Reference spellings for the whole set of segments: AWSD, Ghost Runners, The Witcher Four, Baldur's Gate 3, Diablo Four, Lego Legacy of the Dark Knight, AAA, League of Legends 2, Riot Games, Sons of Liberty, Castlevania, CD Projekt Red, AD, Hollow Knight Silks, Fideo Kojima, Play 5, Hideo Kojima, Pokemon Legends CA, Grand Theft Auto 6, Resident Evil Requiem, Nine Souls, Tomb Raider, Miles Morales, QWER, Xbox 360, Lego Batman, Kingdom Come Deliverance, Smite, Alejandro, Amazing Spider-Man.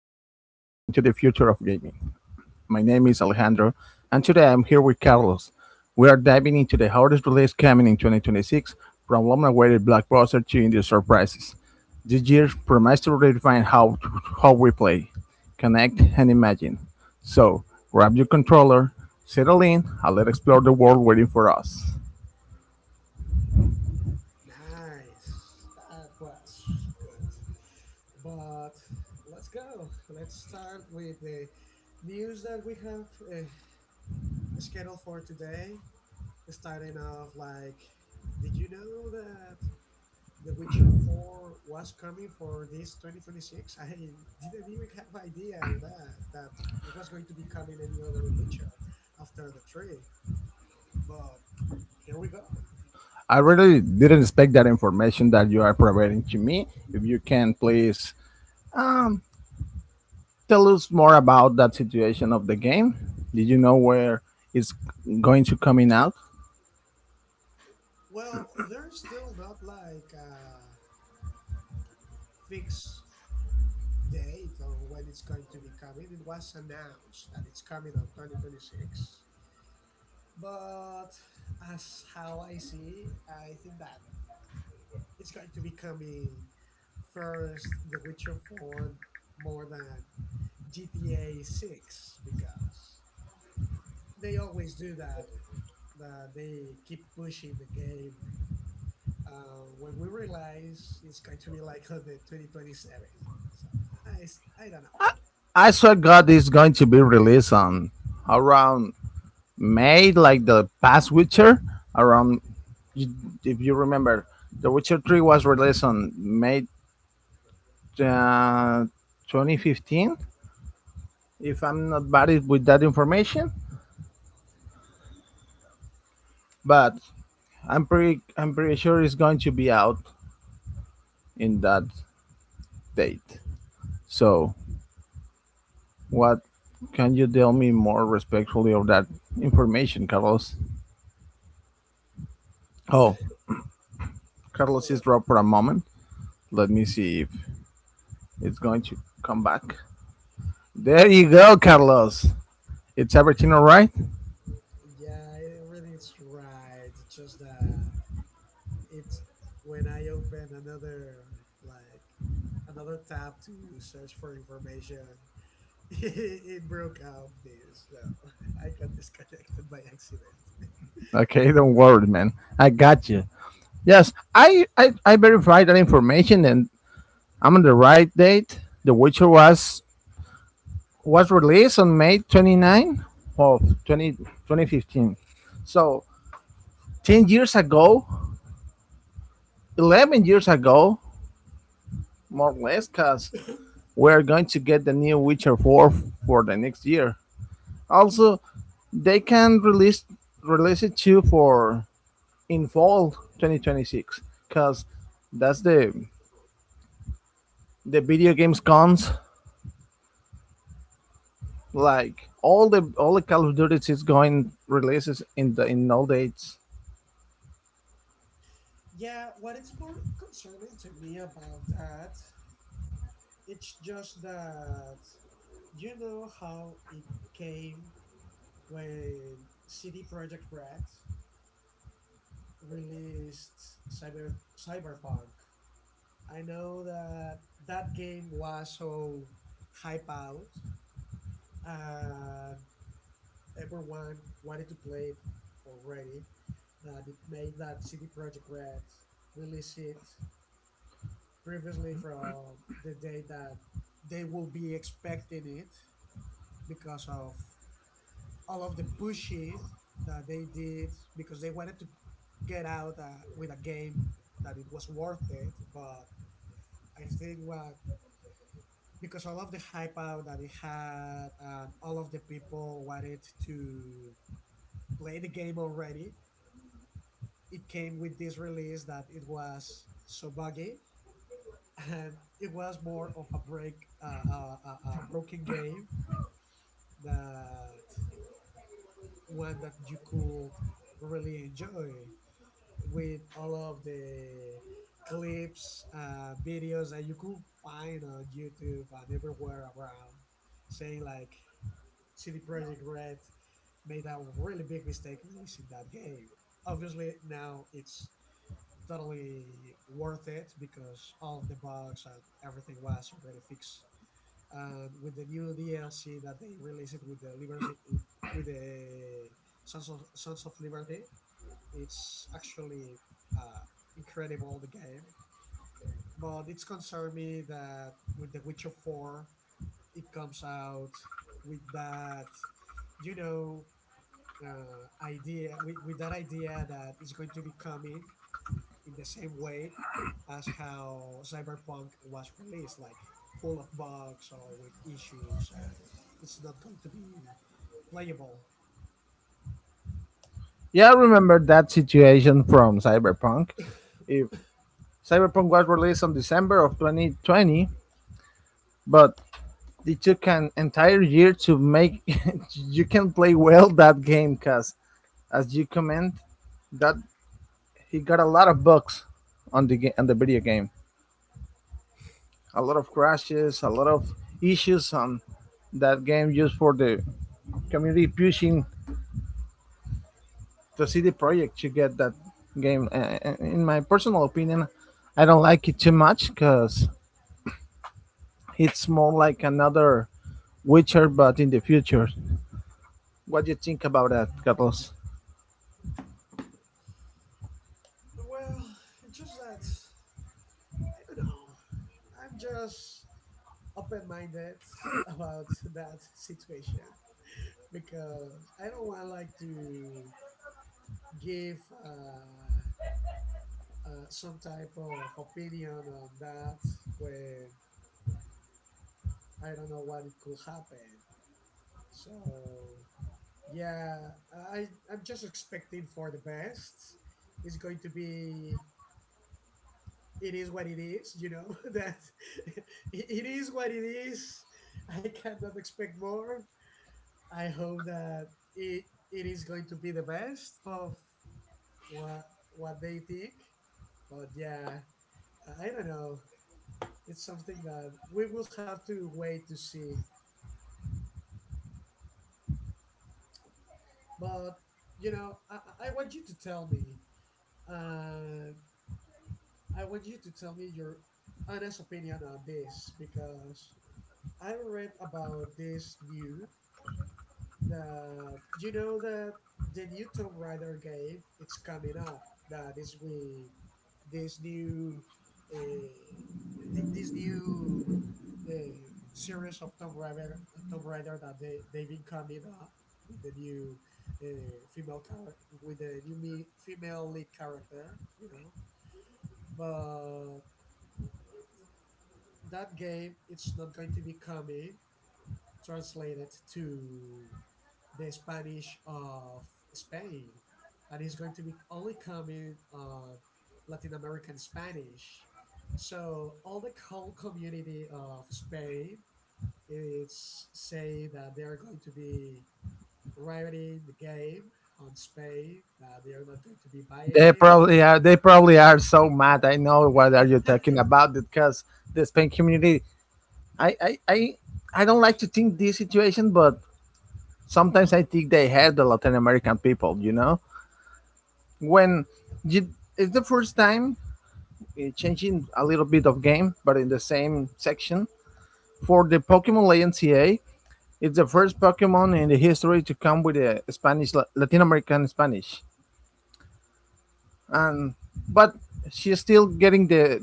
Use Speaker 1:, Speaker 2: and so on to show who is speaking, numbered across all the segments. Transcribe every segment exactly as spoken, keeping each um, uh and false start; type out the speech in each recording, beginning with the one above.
Speaker 1: weekly portal into the future of gaming. My name is Alejandro, and today I'm here with Carlos. We are diving into the hardest release coming in twenty twenty-six, from long-awaited blockbuster to indie surprises. This year promised to redefine how how we play, connect, and imagine. So grab your controller, settle in, and let's explore the world waiting for us. I really didn't expect that information that you are providing to me. If you can please tell us more about that situation of the game? Did you know where it's going to coming out? I swear God is going to be released on around May, like the past Witcher. Around, you- if you remember, The Witcher Three was released on May uh, twenty fifteen. If I'm not bad it- with that information, but I'm pretty I'm pretty sure it's going to be out in that date. So what can you tell me more respectfully of that information, Carlos? Oh, Carlos is dropped for a moment. Let me see if it's going to come back. There you
Speaker 2: Um,
Speaker 1: go, Carlos. It's everything all right?
Speaker 2: yeah, everything's right. Just that it's when I open another like another tab to search for information, it broke off this. So I got disconnected by accident.
Speaker 1: Okay, don't worry, man. I got you. Yes, I, I, I verified that information and I'm on the right date. The Witcher was was released on May 29 of twenty, twenty fifteen. So ten years ago, eleven years ago, more or less, because we're going to get the new Witcher four for the next year. Also, they can release release it too for in fall twenty twenty-six, because that's the the video games cons. Like all the all the Call of Duties is going releases in the in all dates.
Speaker 2: Yeah, what is more concerning to me about that, it's just that you know how it came when C D Projekt Red released Cyber Cyberpunk, I know that that game was so hype out and everyone wanted to play it already, that it made that C D Projekt Red release it previously from the day that they will be expecting it because of all of the pushing that they did because they wanted to get out uh, with a game that it was worth it. But I think what, because all of the hype out that it had and all of the people wanted to play the game already, it came with this release that it was so buggy, and it was more of a break, uh, a, a, a broken game that one that you could really enjoy. With all of the clips, uh, videos that you could find on YouTube and everywhere around saying like C D Projekt Red made a really big mistake releasing that game. Obviously, now it's totally worth it because all of the bugs and everything was already fixed. And with the new D L C that they released with the Liberty, with the Sons of Sons of Liberty, it's actually uh, incredible the game. But it's concerned me that with The Witcher Four, it comes out with that, you know, uh, idea with, with that idea that it's going to be coming in the same way as how Cyberpunk was released, like full of bugs or with issues, and it's not going to be playable.
Speaker 1: Yeah, I remember that situation from Cyberpunk. If Cyberpunk was released on December of twenty twenty, but they took an entire year to make you can play well that game because as you comment that he got a lot of bugs on the game on the video game, a lot of crashes, a lot of issues on that game just for the community pushing the city project to get that game. Uh, in my personal opinion, I don't like it too much because it's more like another witcher but in the future. What do you think about that, Carlos?
Speaker 2: Well, it's just that I don't know, I'm just open-minded about that situation because I don't want like to give uh, uh, some type of opinion on that when I don't know what it could happen. So yeah, I I'm just expecting for the best. It's going to be. It is what it is, you know. That it it is what it is. I cannot expect more. I hope that it it is going to be the best of what what they think. But yeah, I I don't know. It's something that we will have to wait to see. But you know, I, I want you to tell me. Uh, I want you to tell me your honest opinion on this because I read about this new that you know that the new Tomb Raider game, it's coming up. That is with this new uh, thi- this new uh, series of Tomb Raider Tomb Raider that they they've been coming up with the new uh, female character with the new me- female lead character. You know, but that game, it's not going to be coming translated to the Spanish of Spain, and it's going to be only coming on Latin American Spanish. So all the whole community of Spain is saying that they are going to be rioting the game on Spain, that they are not going to be
Speaker 1: They
Speaker 2: buying
Speaker 1: probably are. They probably are so mad. I know what are you
Speaker 2: it.
Speaker 1: talking about because the Spain community. I I I, I don't like to think this situation, but sometimes I think they have the Latin American people. You know, when you, it's the first time uh, changing a little bit of game, but in the same section for the Pokemon Legends C A. It's the first Pokemon in the history to come with a Spanish Latin American Spanish. And but she's still getting the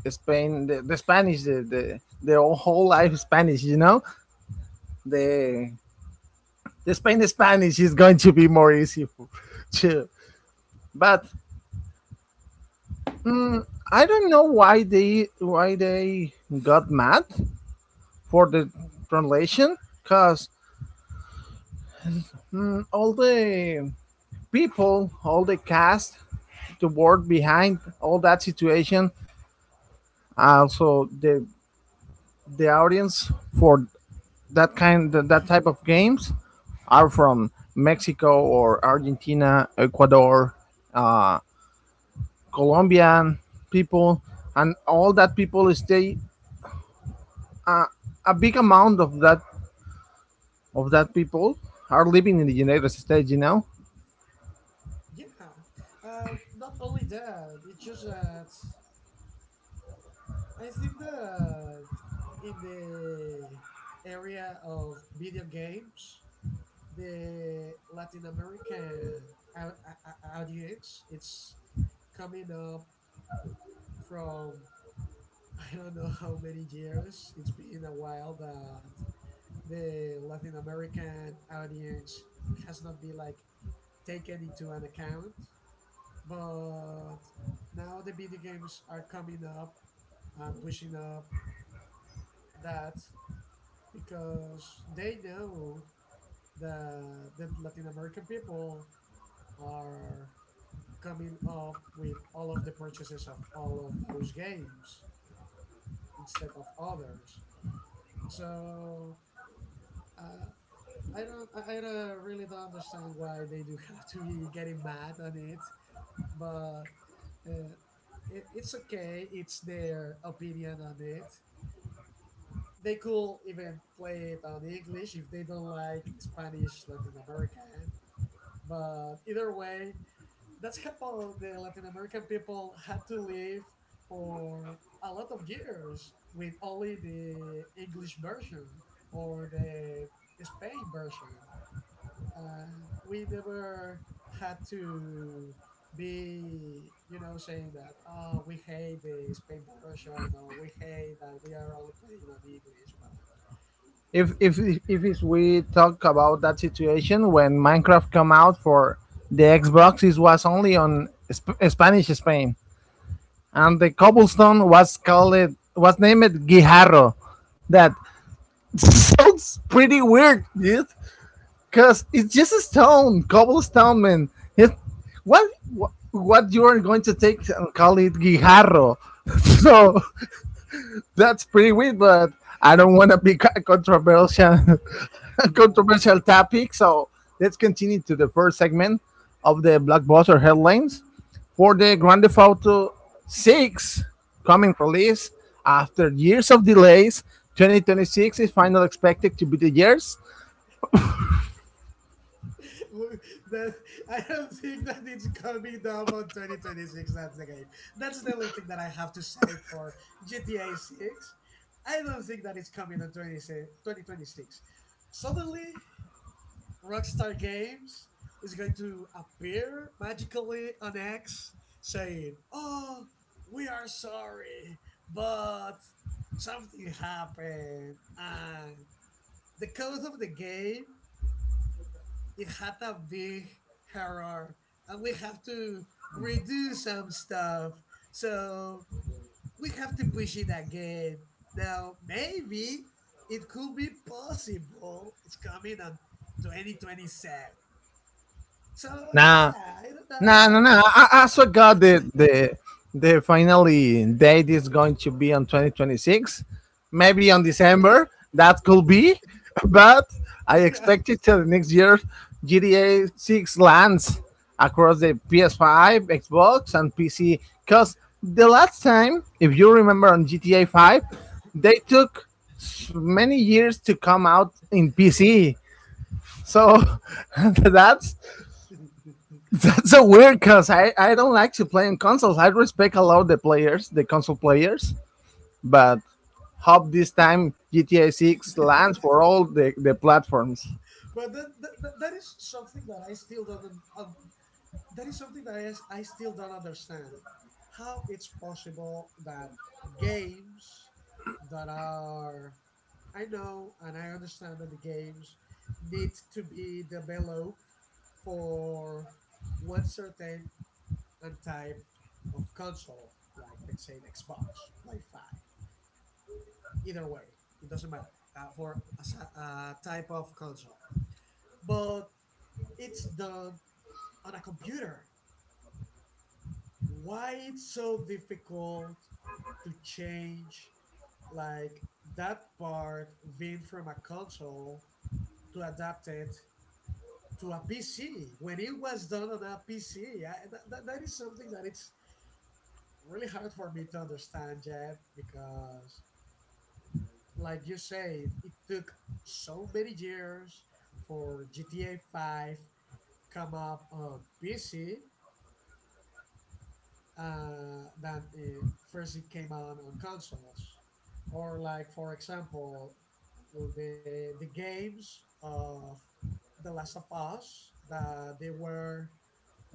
Speaker 1: the Spain, the, the Spanish, the, the the whole life Spanish. You know the the Spain Spanish is going to be more easy for, to. But mm, I don't know why they why they got mad for the translation because all the people, all the cast, the work behind all that situation, also the the audience for that kind that, type of games are from Mexico or Argentina, Ecuador, uh, Colombian people, and all that people stay. Uh, a big amount of that of that people are living in the United States. You know,
Speaker 2: Yeah, uh, not only that, it's just that I think that in the area of video games, the Latin American au- au- au- audience, it's coming up from I don't know how many years. It's been a while that the Latin American audience has not been like taken into an account. But now the video games are coming up and pushing up that because they know that that Latin American people are coming up with all of the purchases of all of those games instead of others. So uh, I don't, I, I don't really don't understand why they do have to be getting mad on it, but. Uh, it, it's okay. It's their opinion on it. They could even play it on English if they don't like Spanish Latin America. But either way, that's how the Latin American people had to live for a lot of years with only the English version or the Spain version. And we never had to be, you know, saying that, oh, we hate the Spain version, or we hate that we are all playing on English. But
Speaker 1: if if if it's we talk about that situation when Minecraft come out for the Xbox, it was only on Sp- Spanish Spain, and the cobblestone was called was named Guijarro. That sounds pretty weird, dude. Cause it's just a stone, cobblestone, man. It, what, what, what you are going to take and call it guijarro? So that's pretty weird, but I don't want to be co- controversial,
Speaker 2: yeah,
Speaker 1: controversial topic. So let's continue to the first segment of the blockbuster headlines for the Grand Theft Auto six coming release after years of delays. twenty twenty-six is finally expected to be the years.
Speaker 2: that I don't think that it's coming up on twenty twenty-six. That's the game. That's the only thing that I have to say for G T A six. I don't think that it's coming on twenty, twenty twenty-six. Suddenly, Rockstar Games is going to appear magically on X saying, "Oh, we are sorry, but something happened and the code of the game, it had a big horror and we have to redo some stuff. So we have to push it again." Now, maybe it could be possible, it's coming on twenty twenty-seven. So,
Speaker 1: Now,
Speaker 2: yeah, I don't know.
Speaker 1: nah, no, no.
Speaker 2: I-
Speaker 1: I, I also got the the the finally date is going to be on twenty twenty-six, maybe on December. That could be, but I expect it till the next year. G T A six lands across the P S five, Xbox, and P C. Cause the last time, if you remember, on G T A five, they took s- many years to come out in P C. So that's it's so weird because I, I don't like to play on consoles. I respect a lot the players, the console players, but hope this time G T A six lands for all the, the platforms.
Speaker 2: but that, that, that is something that I still don't un- that is something that I still don't understand. How it's possible that games that are, I know and I understand that the games need to be developed for one certain and type of console, like let's say Xbox, Play five. Either way, it doesn't matter uh, for a a type of console. But it's done on a computer, why it's so difficult to change like that part being from a console to adapt it to a P C when it was done on a P C. I, that, that, that is something that it's really hard for me to understand yet because, like you say, it, it took so many years for G T A five come up on P C uh, than it, first it came out on consoles. Or like for example, the the games of The Last of Us that they were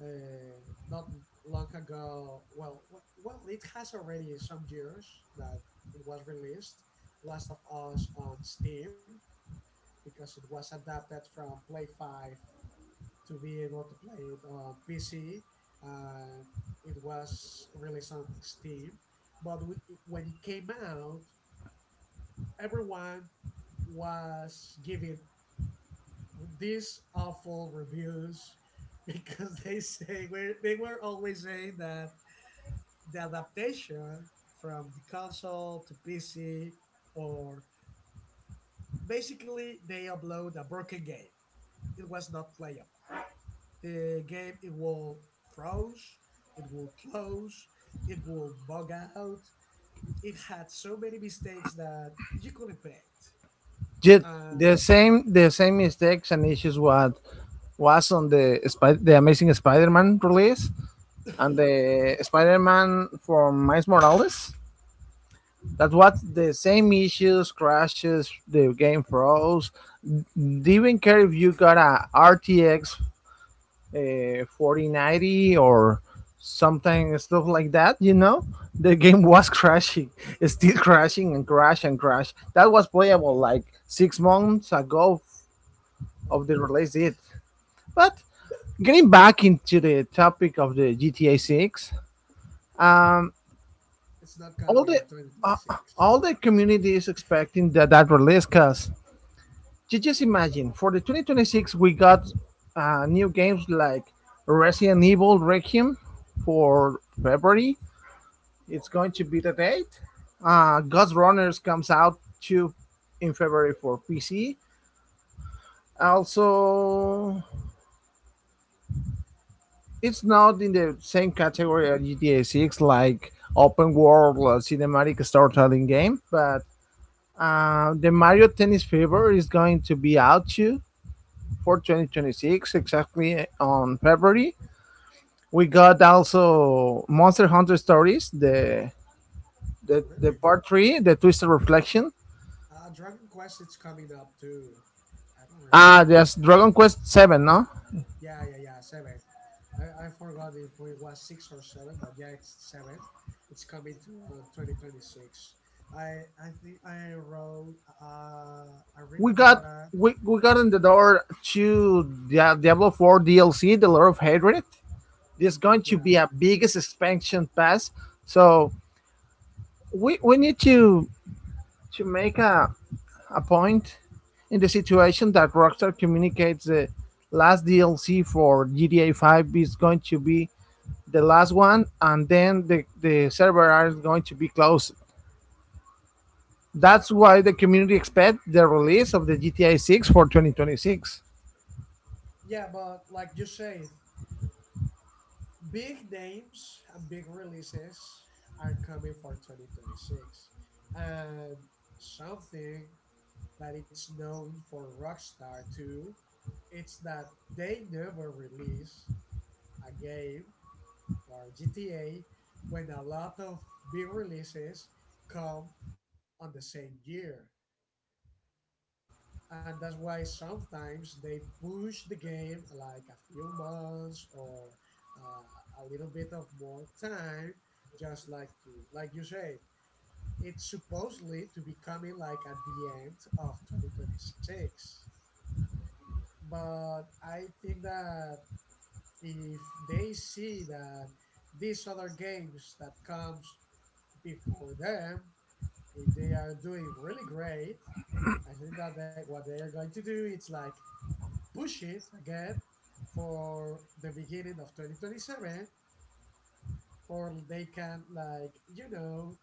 Speaker 2: uh, not long ago. Well, w- well, it has already some years that it was released. Last of Us on Steam because it was adapted from Play Five to be able to play it on P C. Uh, it was released on Steam, but w- when it came out, everyone was giving these awful reviews because they say were they were always saying that the adaptation from the console to P C, or basically they upload a broken game. It was not playable. The game, it will froze, it will close, it will bug out, it had so many mistakes that you couldn't paint
Speaker 1: Yet
Speaker 2: and
Speaker 1: the same the same mistakes and issues what was on the Spi- the Amazing Spider-Man release and the Spider-Man from Miles Morales. That was the same issues, crashes, the game froze. They didn't care if you got a R T X uh, forty ninety or something stuff like that, you know. The game was crashing, it's still crashing and crash and crash. That was playable like six months ago
Speaker 2: oh
Speaker 1: of the
Speaker 2: god.
Speaker 1: release date. But getting back into the topic of the GTA six, um
Speaker 2: It's not
Speaker 1: all
Speaker 2: coming
Speaker 1: the
Speaker 2: on
Speaker 1: uh,
Speaker 2: twenty twenty-six.
Speaker 1: all the community is expecting that that release because just imagine, for the twenty twenty-six we got uh, new games like Resident Evil Requiem for February. It's going to be the date. Uh, Ghost Runners comes out too in February for P C. Also, it's not in the same category as G T A six, like open world uh, cinematic storytelling game, but uh, the Mario Tennis Fever is going to be out too for twenty twenty-six, exactly on February. We got also Monster Hunter Stories, the the, the
Speaker 2: Really.
Speaker 1: part three, the Twisted Reflection.
Speaker 2: uh Dragon Quest, it's coming up too. I don't remember.
Speaker 1: Ah, there's Dragon Quest Seven. No,
Speaker 2: Yeah yeah yeah seven. i, I forgot if it was six or seven, but yeah, it's seven. It's coming to uh, twenty twenty-six. I i think i wrote uh i read
Speaker 1: we
Speaker 2: about
Speaker 1: got
Speaker 2: a
Speaker 1: we, we got in the door to the Diablo Four D L C, The Lord of Hatred. There's going to
Speaker 2: yeah.
Speaker 1: be a biggest expansion pass, so we we need to to make a a point in the situation that Rockstar communicates the last D L C for G T A Five is going to be the last one, and then the, the server are going to be closed.
Speaker 2: Yeah,
Speaker 1: That's why the community expect the release of the G T A six for twenty twenty-six.
Speaker 2: yeah, but like you said, big names and big releases are coming for twenty twenty-six. And something that it's known for Rockstar too, it's that they never release a game or a G T A when a lot of big releases come on the same year. And that's why sometimes they push the game like a few months or uh, a little bit of more time, just like to like you said, it's supposedly to be coming like at the end of twenty twenty-six. But I think that if they see that these other games that comes before them, if they are doing really great, I think that they, what they are going to do is like push it again for the beginning of twenty twenty-seven, for they can like you know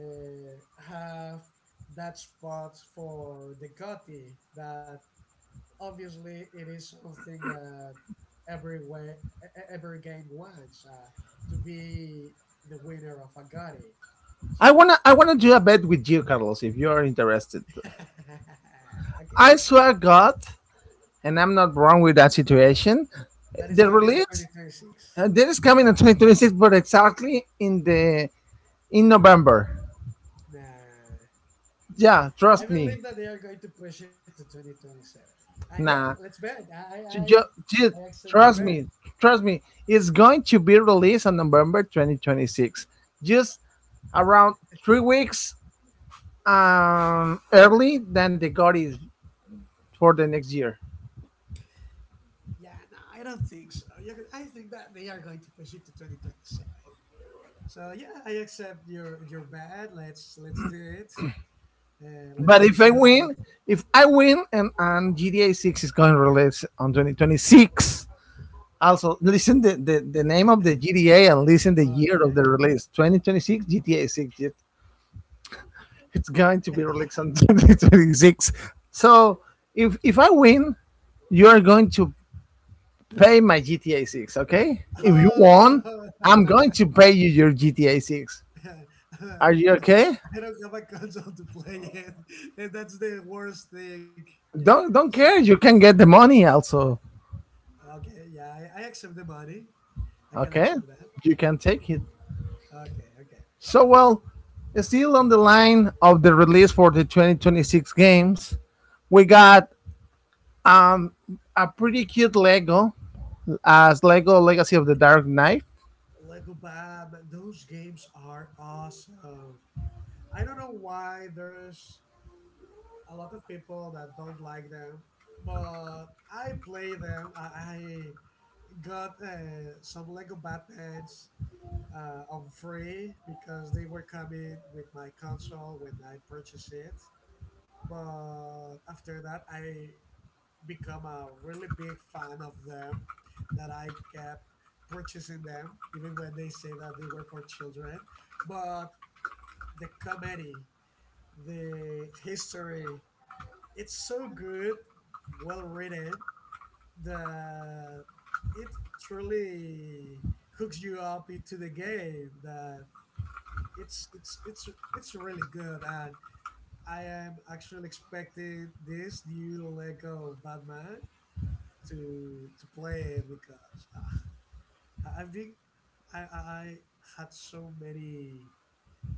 Speaker 2: uh, have that spot for the gotti. That obviously it is something that every way, e- e- every game wants uh, to be the winner of a gotti. So
Speaker 1: I wanna I wanna do a bet with you, Carlos, if you are interested.
Speaker 2: okay,
Speaker 1: I swear God, and I'm not wrong with that situation.
Speaker 2: that is
Speaker 1: The
Speaker 2: coming in
Speaker 1: release
Speaker 2: twenty twenty-six.
Speaker 1: uh, that is coming in twenty twenty-six, but exactly in the in November.
Speaker 2: Nah,
Speaker 1: Yeah,
Speaker 2: I
Speaker 1: trust me.
Speaker 2: believe that they are going to push it to twenty twenty-seven. And yeah,
Speaker 1: Nah,
Speaker 2: let's bet. I I,
Speaker 1: Just,
Speaker 2: I
Speaker 1: just
Speaker 2: accept your
Speaker 1: trust
Speaker 2: bet.
Speaker 1: me, trust me. It's going to be released on November twenty twenty-six. Just around three weeks um, early than the God is for the next year.
Speaker 2: Yeah, no, I don't think so. Yeah, 'cause I think that they are going to push it to twenty twenty-seven. So yeah, I accept your your bet. Let's let's do it. Uh, let's
Speaker 1: But if I
Speaker 2: decide.
Speaker 1: win, if I win, and, and G T A six is going to release on twenty twenty-six. Also, listen the, the, the name of the G T A and listen the year of
Speaker 2: Okay.
Speaker 1: the release. two thousand twenty-six G T A six. G T A six. It's going to be released on twenty twenty-six. So if if I win, you are going to pay my G T A six, okay? If you won,
Speaker 2: Oh,
Speaker 1: I'm going to pay you your G T A six. Are you okay?
Speaker 2: I don't have a console to play it, and that's the worst thing.
Speaker 1: Don't don't
Speaker 2: So,
Speaker 1: care. You can get the money also,
Speaker 2: okay, yeah, I, I accept the money. I can
Speaker 1: okay?
Speaker 2: accept that.
Speaker 1: You can take it.
Speaker 2: Okay, okay, okay.
Speaker 1: So well, still on the line of the release for the twenty twenty-six games, we got um a pretty cute Lego as Lego Legacy of the Dark Knight.
Speaker 2: Lego Batman, those games are awesome. I don't know why there's a lot of people that don't like them, but I play them. I, I got uh, some Lego Batmans uh, on free because they were coming with my console when I purchased it. But after that, I become a really big fan of them that I kept purchasing them, even when they say that they were for children. But the comedy, the history, it's so good, well written, that it truly hooks you up into the game that it's it's it's it's really good. And I am actually expecting this new Lego Batman to to play it because uh, I, I think I, I had so many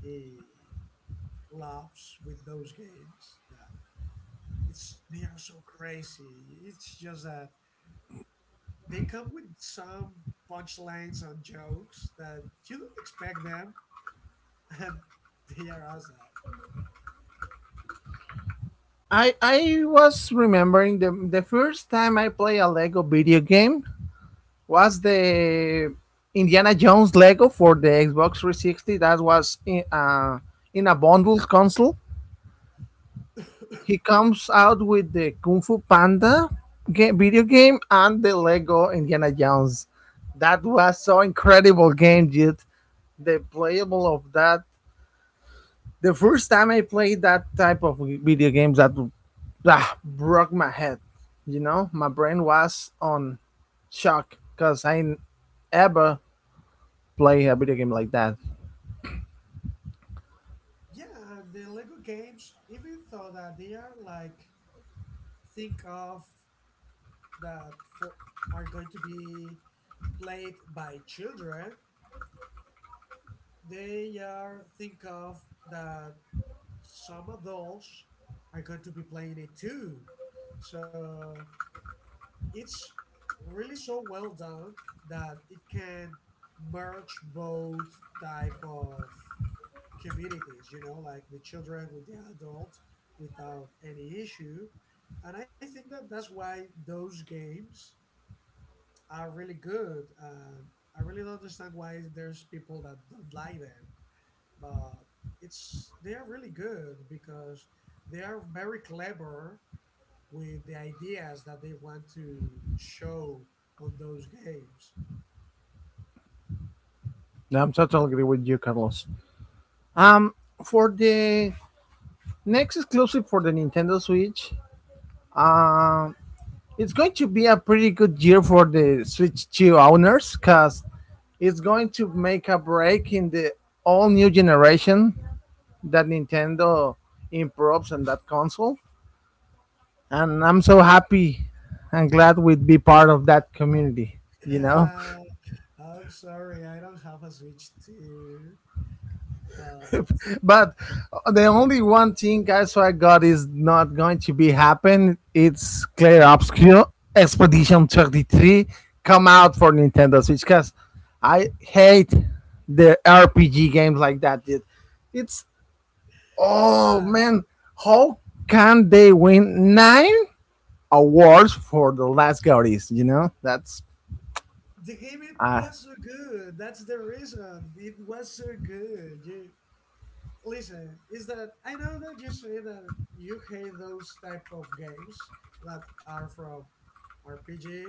Speaker 2: uh, laughs with those games that it's they are so crazy. It's just that they come with some punchlines and jokes that you don't expect them, and they are awesome.
Speaker 1: I I was remembering the the first time I play a Lego video game was the Indiana Jones Lego for the Xbox three sixty. That was in, uh, in a bundled console. He comes out with the Kung Fu Panda ga- video game and the Lego Indiana Jones. That was so incredible game, dude. The playable of that. The first time I played that type of video games, that ah, broke my head. You know, my brain was on shock because I n- ever play a video game like that.
Speaker 2: Yeah, and the Lego games, even though that they are like think of that for are going to be played by children, they are think of that some adults are going to be playing it too. So it's really so well done that it can merge both type of communities, you know, like the children with the adult without any issue. And I think that that's why those games are really good. And I really don't understand why there's people that don't like them but it's they are really good because they are very clever with the ideas that they want to show on those games.
Speaker 1: No, I'm so totally agree with you, Carlos. Um, for the next exclusive for the Nintendo Switch, um, it's going to be a pretty good year for the Switch two owners because it's going to make a break in the all new generation that Nintendo improves on that console, and I'm so happy and glad we'd be part of that community. You know.
Speaker 2: Uh, I'm sorry, I don't have a Switch two, but
Speaker 1: But the only one thing guys, I got is not going to be happen. It's Claire Obscure Expedition thirty-three come out for Nintendo Switch because I hate the R P G games like that. Dude. It's oh
Speaker 2: why?
Speaker 1: man, how can they win nine awards for the last Gaudis? You know. That's
Speaker 2: The game it
Speaker 1: uh,
Speaker 2: was so good. That's the reason. It was so good. You listen, is that I know that you say that you hate those type of games that are from R P G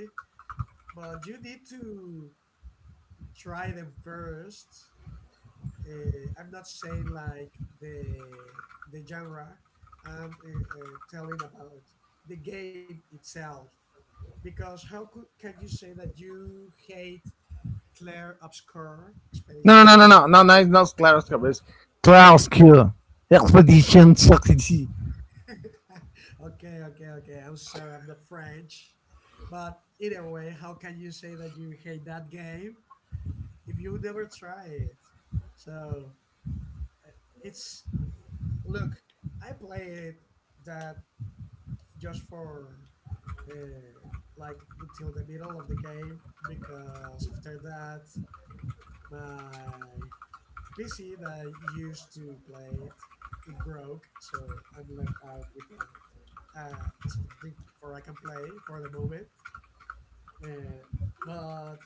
Speaker 2: but you need to try them first. Uh, I'm not saying like the the genre. I'm uh, uh, telling about the game itself, because how could, can you say that you hate Claire Obscure
Speaker 1: No,
Speaker 2: Expedition?
Speaker 1: no, no, no, no, no, it's not Klaus Cup. It's Klaus Expedition Succeed.
Speaker 2: Okay, okay, okay. I'm sorry, I'm not French, but either way, how can you say that you hate that game if you never try it? So It's look, I played that just for uh, like until the middle of the game because after that my P C that I used to play it it broke, so I'm left out without uh, something for I can play for the moment. Uh, but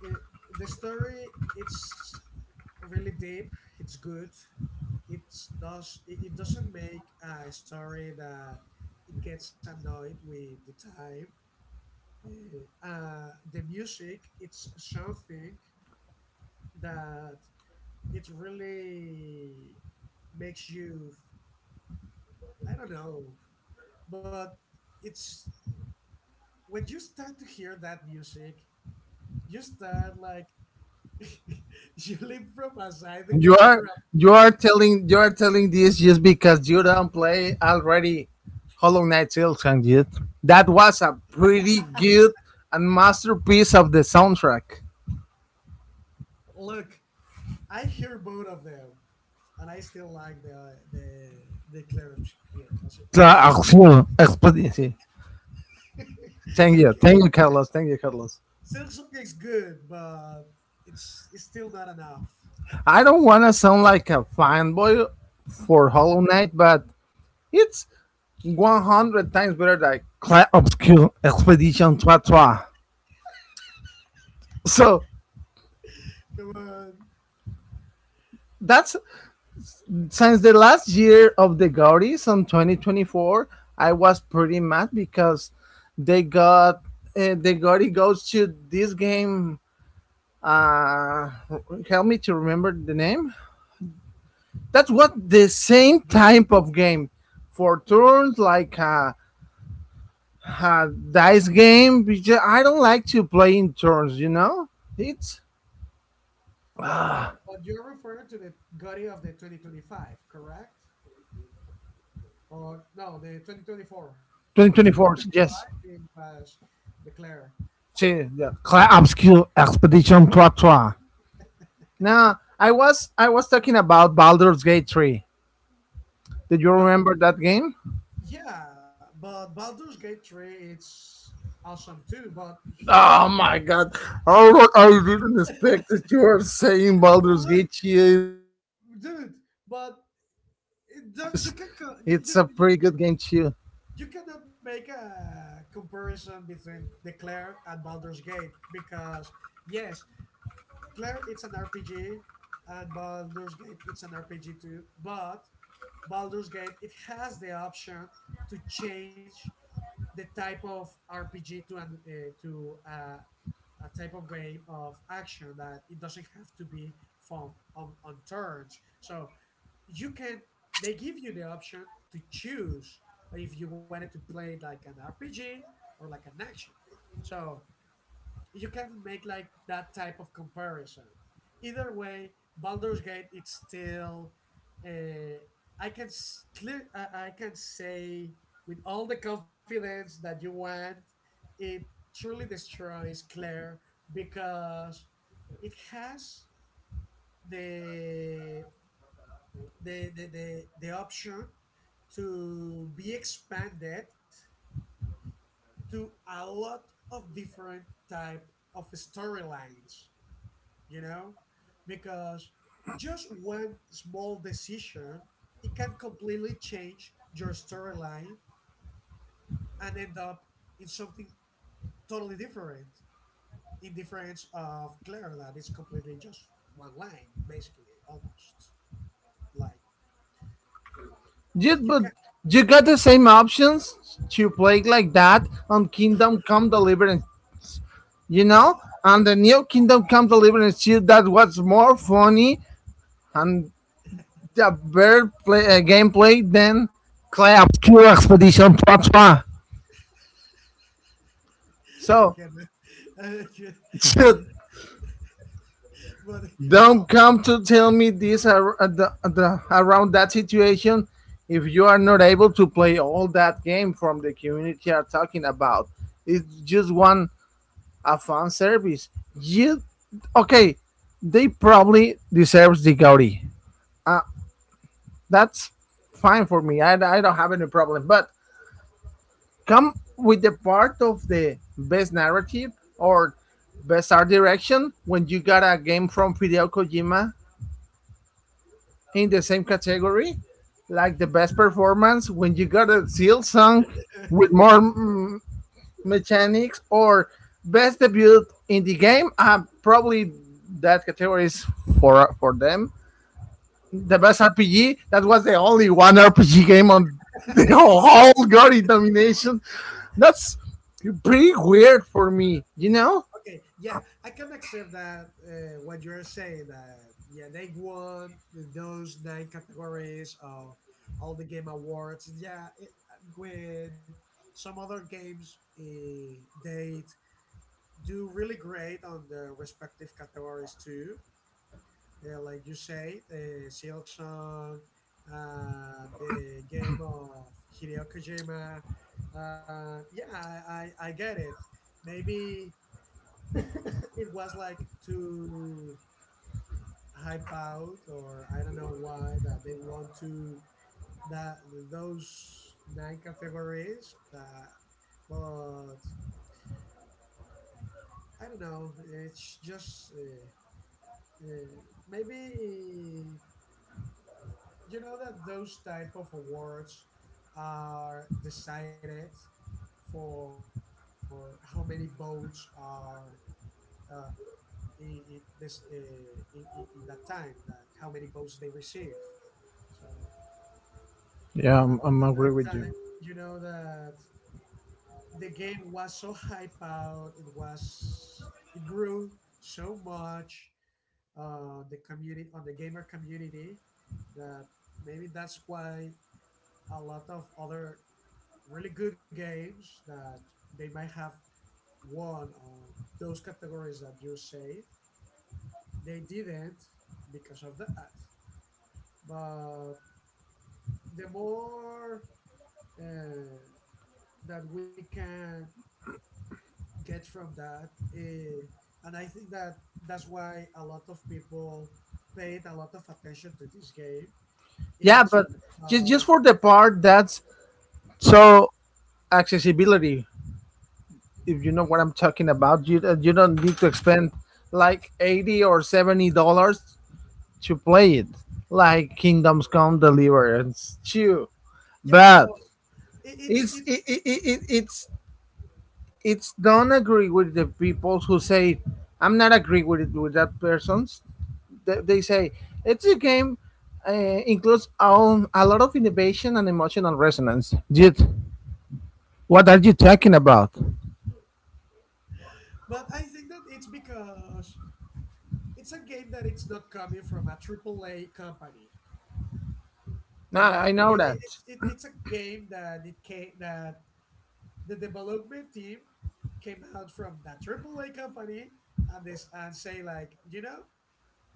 Speaker 2: it, the story it's really deep, it's good, it's does it, it doesn't make a story that it gets annoyed with the time. Uh, uh, the music it's something that it really makes you, I don't know, but it's when you start to hear that music you start like you leave from aside the
Speaker 1: You
Speaker 2: game for
Speaker 1: are
Speaker 2: a
Speaker 1: you are
Speaker 2: minute.
Speaker 1: telling you are telling this just because you don't play already Hollow Knight Silks and yet. That was a pretty good and masterpiece of the soundtrack.
Speaker 2: Look, I hear both of them, and I still like the the the Claire also, you know.
Speaker 1: Klaus Q. Expedition. Thank you,
Speaker 2: Okay,
Speaker 1: thank you, Carlos. Thank you, Carlos.
Speaker 2: Samsung is good, but it's it's still not enough.
Speaker 1: I don't want to sound like a fanboy for Hollow Knight, but it's one hundred times better than Clan Obscure Expedition Trois. So
Speaker 2: Come on,
Speaker 1: that's... since the last year of the Gaudis on twenty twenty-four, I was pretty mad because they got uh, the Gaudi goes to this game. Uh, help me to remember the name. That's what the same
Speaker 2: baby.
Speaker 1: type of game for turns, like a, a dice game, because I don't like to play in turns, you know. It's...
Speaker 2: Okay, but you're referring to the Gotti of the twenty twenty-five, correct? Or no, the twenty twenty-four because
Speaker 1: twenty twenty-four, yes.
Speaker 2: twenty twenty-three was the declared.
Speaker 1: Sí, yeah. Cla- Obscure Expedition Trois. Now, I was I was talking about Baldur's Gate three. Did you
Speaker 2: Well,
Speaker 1: remember that game?
Speaker 2: yeah, but Baldur's Gate three it's awesome too, but he, he
Speaker 1: Oh my god. I, I didn't expect that you were saying Baldur's
Speaker 2: look,
Speaker 1: Gate. She is... it's
Speaker 2: dude,
Speaker 1: a pretty
Speaker 2: but
Speaker 1: good game too.
Speaker 2: it, don't- you can co- you, you, you, you you cannot make a comparison between the Claire and Baldur's Gate because yes, Claire it's an R P G and Baldur's Gate it's an R P G too, but Baldur's Gate it has the option to change the type of R P G to an uh, to uh, a type of game of action that it doesn't have to be from on, on turns. So you can they give you the option to choose if you wanted to play like an R P G or like an action. So you can make like that type of comparison. Either way, Baldur's Gate it's still, uh, I can s- clear I I can say with all the confidence that you want, it truly destroys Claire because it has the the, the, the, the option to be expanded to a lot of different type of storylines, you know, because just one small decision it can completely change your storyline and end up in something totally different in difference of Claire that is completely just one line basically almost like
Speaker 1: You,
Speaker 2: it's- you
Speaker 1: but
Speaker 2: can.
Speaker 1: you got the same options to play like that on Kingdom Come Deliverance. You know?
Speaker 2: Oh.
Speaker 1: And the new Kingdom Come Deliverance too, that was more funny and yeah, better play, uh, gameplay than Clay Obscure Expedition three.
Speaker 2: I
Speaker 1: So,
Speaker 2: can. But
Speaker 1: don't
Speaker 2: well.
Speaker 1: come to tell me this ar- uh, the, the, around that situation if you are not able to play all that game from the community are talking about. It's just one, a fan service. You, okay, they probably deserves the Gaudi. Uh, that's fine for me. I, I don't have any problem. But come with the part of the best narrative or best art direction when you got a game from Fideo Kojima in the same category, like the best performance when you got a seal song with more mm, mechanics or best debut in the game. Uh, probably that category is for for them the
Speaker 2: Yeah.
Speaker 1: best R P G. That was the only one R P G game on the
Speaker 2: Okay,
Speaker 1: whole Gory domination. That's pretty weird for me, you know?
Speaker 2: yeah, I can accept that, uh, what you're saying that yeah they won those nine categories of all the game awards, yeah, it, with some other games, uh, they do really great on the respective categories too, uh, like you say, the Silk Song, uh, the game of Hideo Kojima. Uh, yeah, I, I, I get it. Maybe it was like to hype out, or I don't know why that they want to that those nine categories. Uh, but I don't know. It's just, uh, uh, maybe you know that those type of awards are decided for how many votes are, uh, in, in this uh, in, in in that time, like how many votes they receive, so
Speaker 1: Yeah,
Speaker 2: at,
Speaker 1: I'm, I'm
Speaker 2: at
Speaker 1: agree
Speaker 2: that
Speaker 1: with you.
Speaker 2: time you know that the game was so hype out, it was it grew so much on the community, on the gamer community, that maybe that's why a lot of other really good games that they might have won on those categories that you said. They didn't because of that. But the more, uh, that we can get from that, uh, and I think that that's why a lot of people paid a lot of attention to this game.
Speaker 1: Yeah,
Speaker 2: It's
Speaker 1: but just just
Speaker 2: because
Speaker 1: for the part that's so accessibility. If you know what I'm talking about, you uh, you don't need to
Speaker 2: Yeah,
Speaker 1: expend like eighty or seventy dollars to play it, like Kingdoms Come Deliverance Two.
Speaker 2: yeah, but
Speaker 1: But
Speaker 2: it, it's
Speaker 1: it's
Speaker 2: it's
Speaker 1: it, it, it, it's it's don't agree with the people who say I'm not agree with it with that person's. They, they say it's a game, uh, includes um, a lot of innovation and emotional resonance. Dude, what are you talking about?
Speaker 2: but I think that it's because it's a game that it's not coming from a A A A company. You
Speaker 1: Nah,
Speaker 2: know,
Speaker 1: I
Speaker 2: it,
Speaker 1: know
Speaker 2: it,
Speaker 1: that.
Speaker 2: it's it, it's a game that it came that the development team came out from that triple A company and this and say like, you know,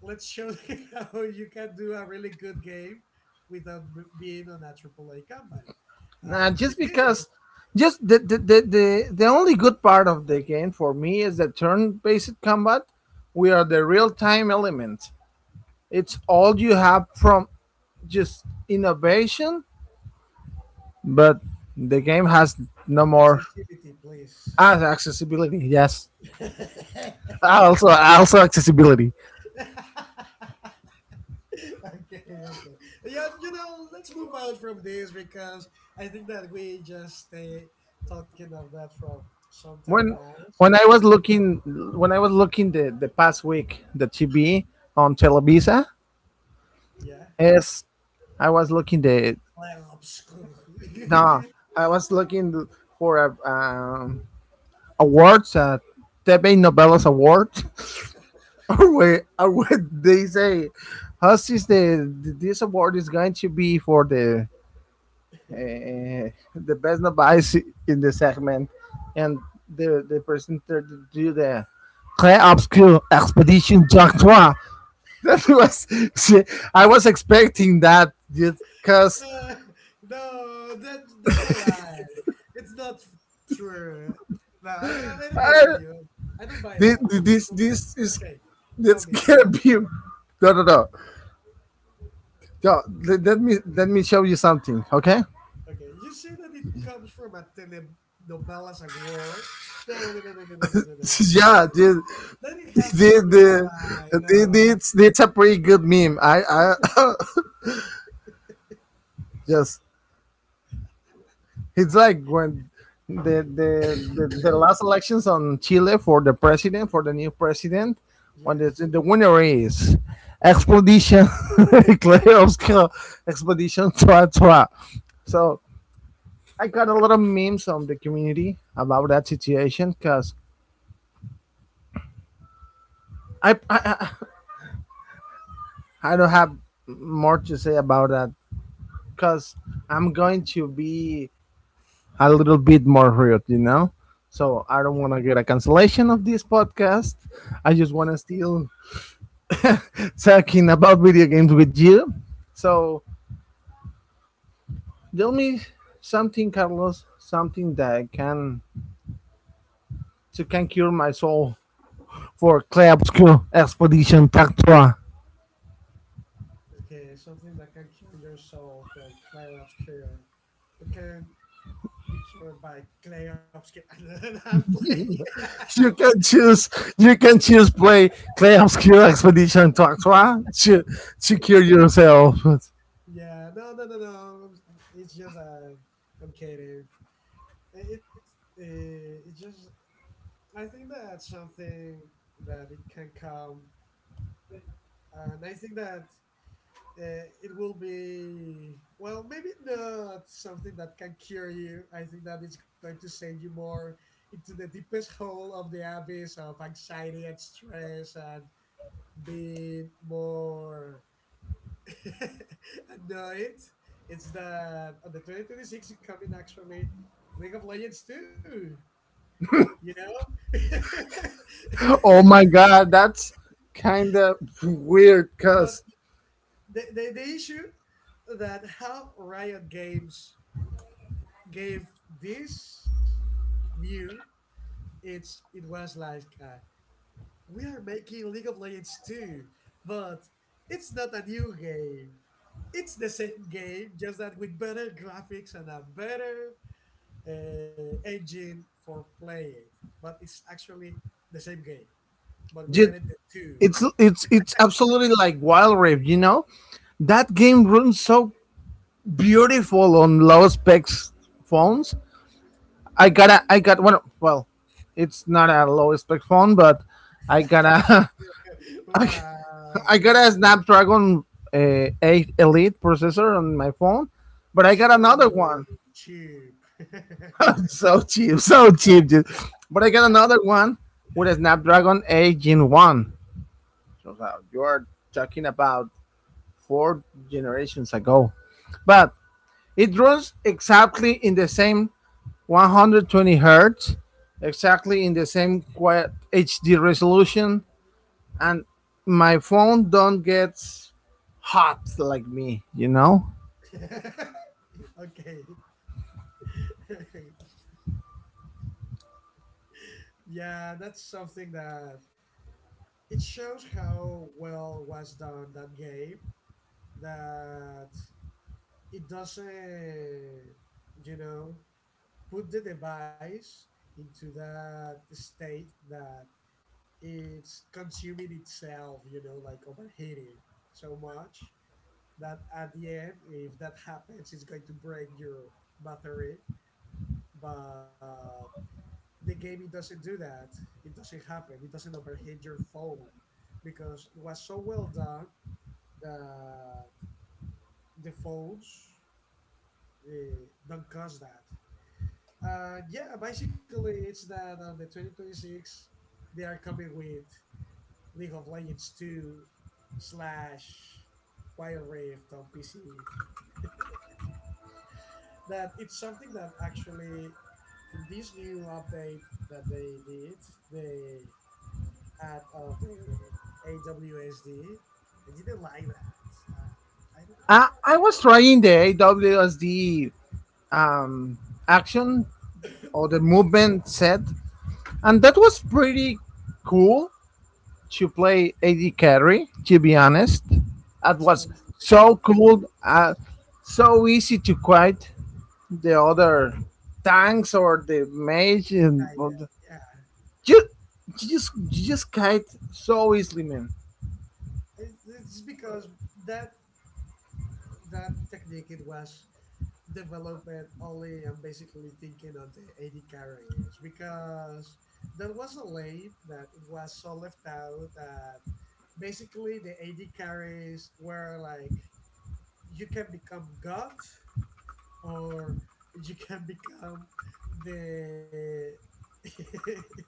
Speaker 2: let's show them how you can do a really good game without b- being on a A A A company.
Speaker 1: Nah,
Speaker 2: Uh, they
Speaker 1: just
Speaker 2: did it.
Speaker 1: because just the, the, the, the, the only good part of the game for me is the turn-based combat. We are the real-time element, it's all you have from just innovation, but the game has no more.
Speaker 2: Accessibility, please.
Speaker 1: Ah, accessibility. Yes, ah, also also accessibility.
Speaker 2: Okay, okay. Yeah, you know, let's move on from this because I think that we just stay talking of that from some time
Speaker 1: When
Speaker 2: now. So
Speaker 1: when I
Speaker 2: let
Speaker 1: was looking... when I was looking the the past week the T V on Televisa
Speaker 2: yeah.
Speaker 1: is... I was looking the...
Speaker 2: Clarobscur.
Speaker 1: no, I was looking for a um, awards, uh, T V Novelas Award, or where or what they say. How is... the this award is going to be for the uh, the best advice in the segment, and the the presenter to do the Très Obscure Expedition Jack Trois. That was... see, I was expecting that because
Speaker 2: uh, no, that that's a lie. It's not f- true. No, I don't, I don't believe
Speaker 1: uh,
Speaker 2: you. I don't buy that.
Speaker 1: this
Speaker 2: Well,
Speaker 1: this this
Speaker 2: t-
Speaker 1: is...
Speaker 2: okay, tell
Speaker 1: that's
Speaker 2: me, tell
Speaker 1: gonna
Speaker 2: me.
Speaker 1: be... no no no no. Let, let me let me show you something, okay?
Speaker 2: Okay, you say that it comes from a telenovelas, a war. No, no, no, no, no, no, no, no, no. That's
Speaker 1: Yeah, the
Speaker 2: Then it
Speaker 1: the
Speaker 2: has to be a lie.
Speaker 1: the, the,
Speaker 2: No.
Speaker 1: it's, it's a pretty good meme. I I just... it's like when the, the the the last elections on Chile for the president for the new president, when the
Speaker 2: Yes.
Speaker 1: the winner is expedition Klerovska expedition tra tra. So I got a lot of memes from the community about that situation because I, I I don't have more to say about that because I'm going to be a little bit more rude, you know? So
Speaker 2: Yeah.
Speaker 1: I don't want to get a cancellation of this podcast. I just want to still talking about video games with you. So tell me something, Carlos, something that can to can cure my soul for Kleopsky Expedition Tactua.
Speaker 2: Okay. Something that can cure your soul from clay obscure. It can be cured by clay obscure. I'm playing.
Speaker 1: You can choose. You can choose play Kleopsky Expedition Tactua to to cure yourself.
Speaker 2: Yeah. No. No. No. No. It's just, uh, I'm kidding. It's uh, it's just I think that something that it can come, and I think that uh, it will be, well, maybe not something that can cure you. I think that it's going to send you more into the deepest hole of the abyss of anxiety and stress and being more annoyed. It's that on the twenty twenty-six is coming actually League of Legends two, you know.
Speaker 1: Oh my God, that's kind of weird,
Speaker 2: But
Speaker 1: cause...
Speaker 2: the, the, the issue that how Riot Games gave this new, it's it was like, uh, we are making League of Legends two, but it's not a new game. It's the same game, just that with better graphics and a better, uh, engine for play it. But it's actually the same game. But we
Speaker 1: Ju-
Speaker 2: added the two.
Speaker 1: it's it's it's absolutely like Wild Rift, you know? That game runs so beautiful on low specs
Speaker 2: Oh.
Speaker 1: phones. I got a I got one, well, it's not a low spec phone, but I got a I, I
Speaker 2: Wow!
Speaker 1: got a Snapdragon, uh, eight Elite processor on my phone, but I got
Speaker 2: So
Speaker 1: another one.
Speaker 2: cheap.
Speaker 1: So cheap, so cheap, dude. But I got another one with a Snapdragon eight Gen one. So uh, you are talking about four generations ago. But it runs exactly in the same one hundred twenty hertz, exactly in the same quiet H D resolution, and my phone don't get hot like me, you know.
Speaker 2: Okay. Yeah, that's something that it shows how well was done that game that it doesn't, you know, put the device into that state that it's consuming itself, you know, like overheating so much that at the end, if that happens, it's going to break your battery. But the game it doesn't do that. It doesn't happen. It doesn't overheat your phone because it was so well done that the phones, uh, don't cause that. And yeah, basically it's that on the twenty twenty-six they are coming with League of Legends two slash Wild Rift on P C. That it's something that actually in this new update that they did, they out of the A W S D. I didn't like that. Uh, I don't know.
Speaker 1: I, I was trying the A W S D, um, action or the movement set, and that was pretty cool. To play A D carry. To be honest, that
Speaker 2: It's
Speaker 1: was
Speaker 2: only the A D
Speaker 1: so cool, uh, so easy to quite the other tanks or the mage,
Speaker 2: kind
Speaker 1: and
Speaker 2: of. Yeah,
Speaker 1: just just you just kite so easily, man.
Speaker 2: it's, it's because that that technique it was developed only. I'm basically thinking on the A D carries because that was a lane that it was so left out that basically the A D carries were like, you can become god or you can become the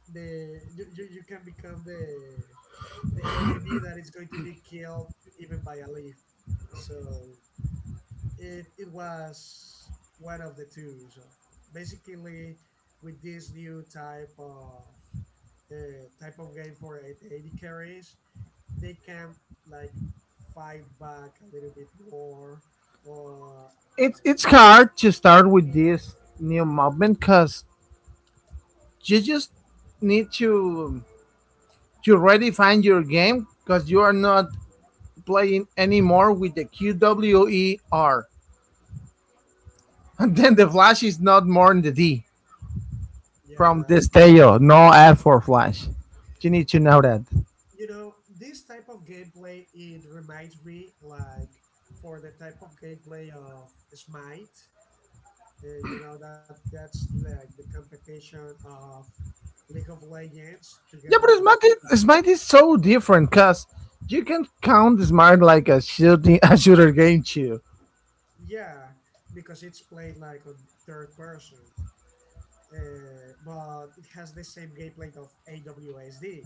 Speaker 2: the you, you, you can become the the enemy that is going to be killed even by a leaf, so it it was one of the two. So basically with this new type of, uh, type of game for eighty carries, they can like fight back a little bit more, or uh,
Speaker 1: It's it's hard to start with this new movement because you just need to to redefine your game because you are not playing anymore with the Q W E R, and then the flash is not more in the D.
Speaker 2: yeah.
Speaker 1: From this Destello, no F for Flash. You need to know that.
Speaker 2: You know, this type of gameplay it reminds me like for the type of gameplay of Smite, uh, you know that that's like the competition of League of Legends
Speaker 1: Yeah, but
Speaker 2: together with.
Speaker 1: Smite is, Smite is so different because you can count Smite like a shooting a shooter game too.
Speaker 2: Yeah, because it's played like on third person, uh, but it has the same gameplay of A W S D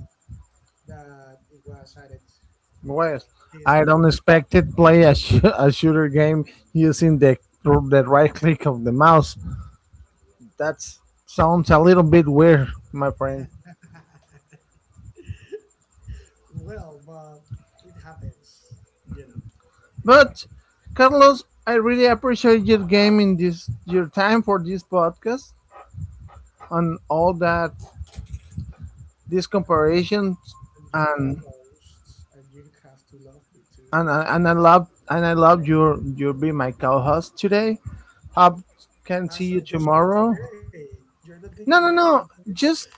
Speaker 2: that it was added for, for
Speaker 1: Whereas
Speaker 2: this
Speaker 1: I
Speaker 2: new.
Speaker 1: don't expect to play a, sh- a shooter game using the the right click of the mouse. That sounds a little bit weird, my friend.
Speaker 2: Well, but it happens, you know, it
Speaker 1: But
Speaker 2: happens.
Speaker 1: Carlos, I really appreciate your game in this your time for this podcast and all that. This comparison,
Speaker 2: I'm your
Speaker 1: and
Speaker 2: co-host, and you have to love me too.
Speaker 1: and
Speaker 2: So,
Speaker 1: I- and I love and I love your your be my co-host today. Hope can
Speaker 2: ah,
Speaker 1: see
Speaker 2: so
Speaker 1: you
Speaker 2: just for
Speaker 1: tomorrow.
Speaker 2: today, you're not going to
Speaker 1: No,
Speaker 2: invite
Speaker 1: no,
Speaker 2: me
Speaker 1: no.
Speaker 2: again.
Speaker 1: Just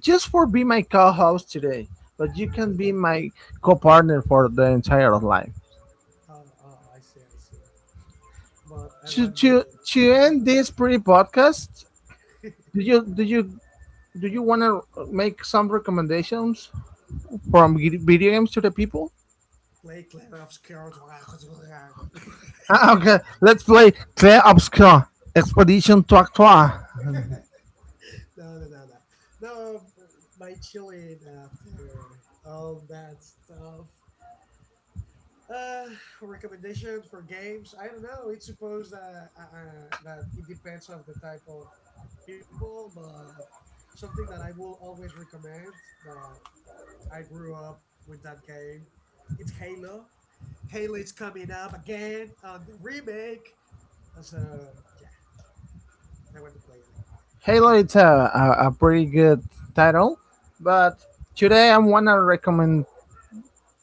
Speaker 1: just for be my co-host today, but you
Speaker 2: I'm a
Speaker 1: can be
Speaker 2: harbor.
Speaker 1: my co-partner for the entire of life.
Speaker 2: Oh, oh, I see, I see. But I
Speaker 1: To
Speaker 2: want the
Speaker 1: to to
Speaker 2: half of
Speaker 1: end this pre podcast,
Speaker 2: it.
Speaker 1: do you do you do you want to make some recommendations from vid- video games to the people?
Speaker 2: Play Claire of Scout.
Speaker 1: Ah, okay, let's play Claire Obscure Expedition to Actoire.
Speaker 2: No, no, no, no. No, my chilling after all that stuff. Uh, recommendations for games? I don't know. It's supposed that, uh, uh, that it depends of the type of people, but something that I will always recommend, that I grew up with that game. It's Halo. Halo is coming up again on the remake, and so yeah, I want to play it again.
Speaker 1: Halo it's a, a, a pretty good title, but today I wanna recommend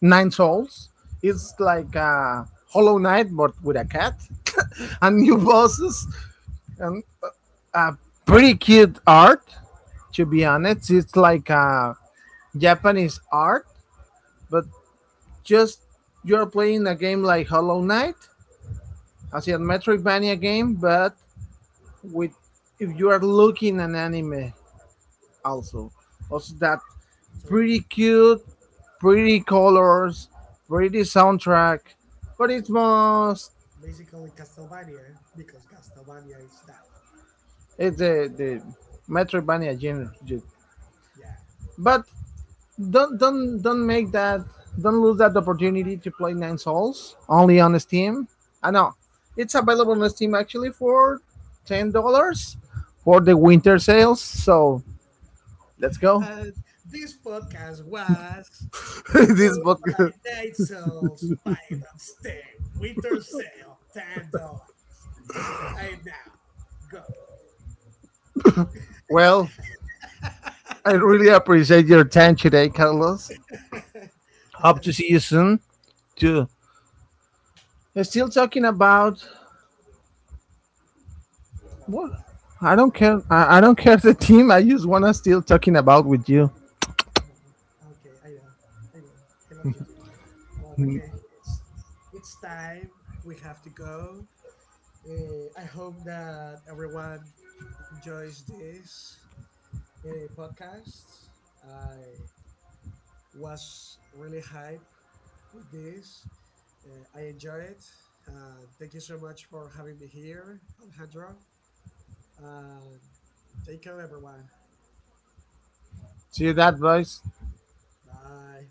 Speaker 1: Nine Souls. It's like a Hollow Knight but with a cat and new bosses and a pretty cute art. To be honest, it's like a Japanese art, but just you're playing a game like Hollow Knight, as a Metroidvania game, but with... if you are looking an anime, also also that
Speaker 2: So
Speaker 1: pretty cute, pretty colors, pretty soundtrack, but it's most...
Speaker 2: basically, Castlevania, because Castlevania is that.
Speaker 1: it's the the Metroidvania genre ju-
Speaker 2: Yeah.
Speaker 1: but don't don't don't make that. Don't lose that opportunity to play Nine Souls, only on Steam. I know, it's available on Steam actually for ten dollars for the winter sales, so let's go.
Speaker 2: And this podcast was
Speaker 1: This
Speaker 2: Remote
Speaker 1: book...
Speaker 2: by Night Souls. Buy it on Steam. Winter sale, ten dollars. Buy it now. Go.
Speaker 1: well, I really appreciate your time today, Carlos. Hope to see you soon. Too. Still talking about...
Speaker 2: About
Speaker 1: what?
Speaker 2: what?
Speaker 1: I don't
Speaker 2: I,
Speaker 1: care. I, I don't care the team. I just wanna still talking about with you.
Speaker 2: I don't. Okay, I know. I know. I love you too. But okay, it's it's time. We have to go. Uh, I hope that everyone enjoys this, uh, podcast. I was really hyped with this. Uh, I enjoy it. Uh, thank you so much for having me here, Alejandro. Uh, take care, everyone.
Speaker 1: See that, boys?
Speaker 2: Bye.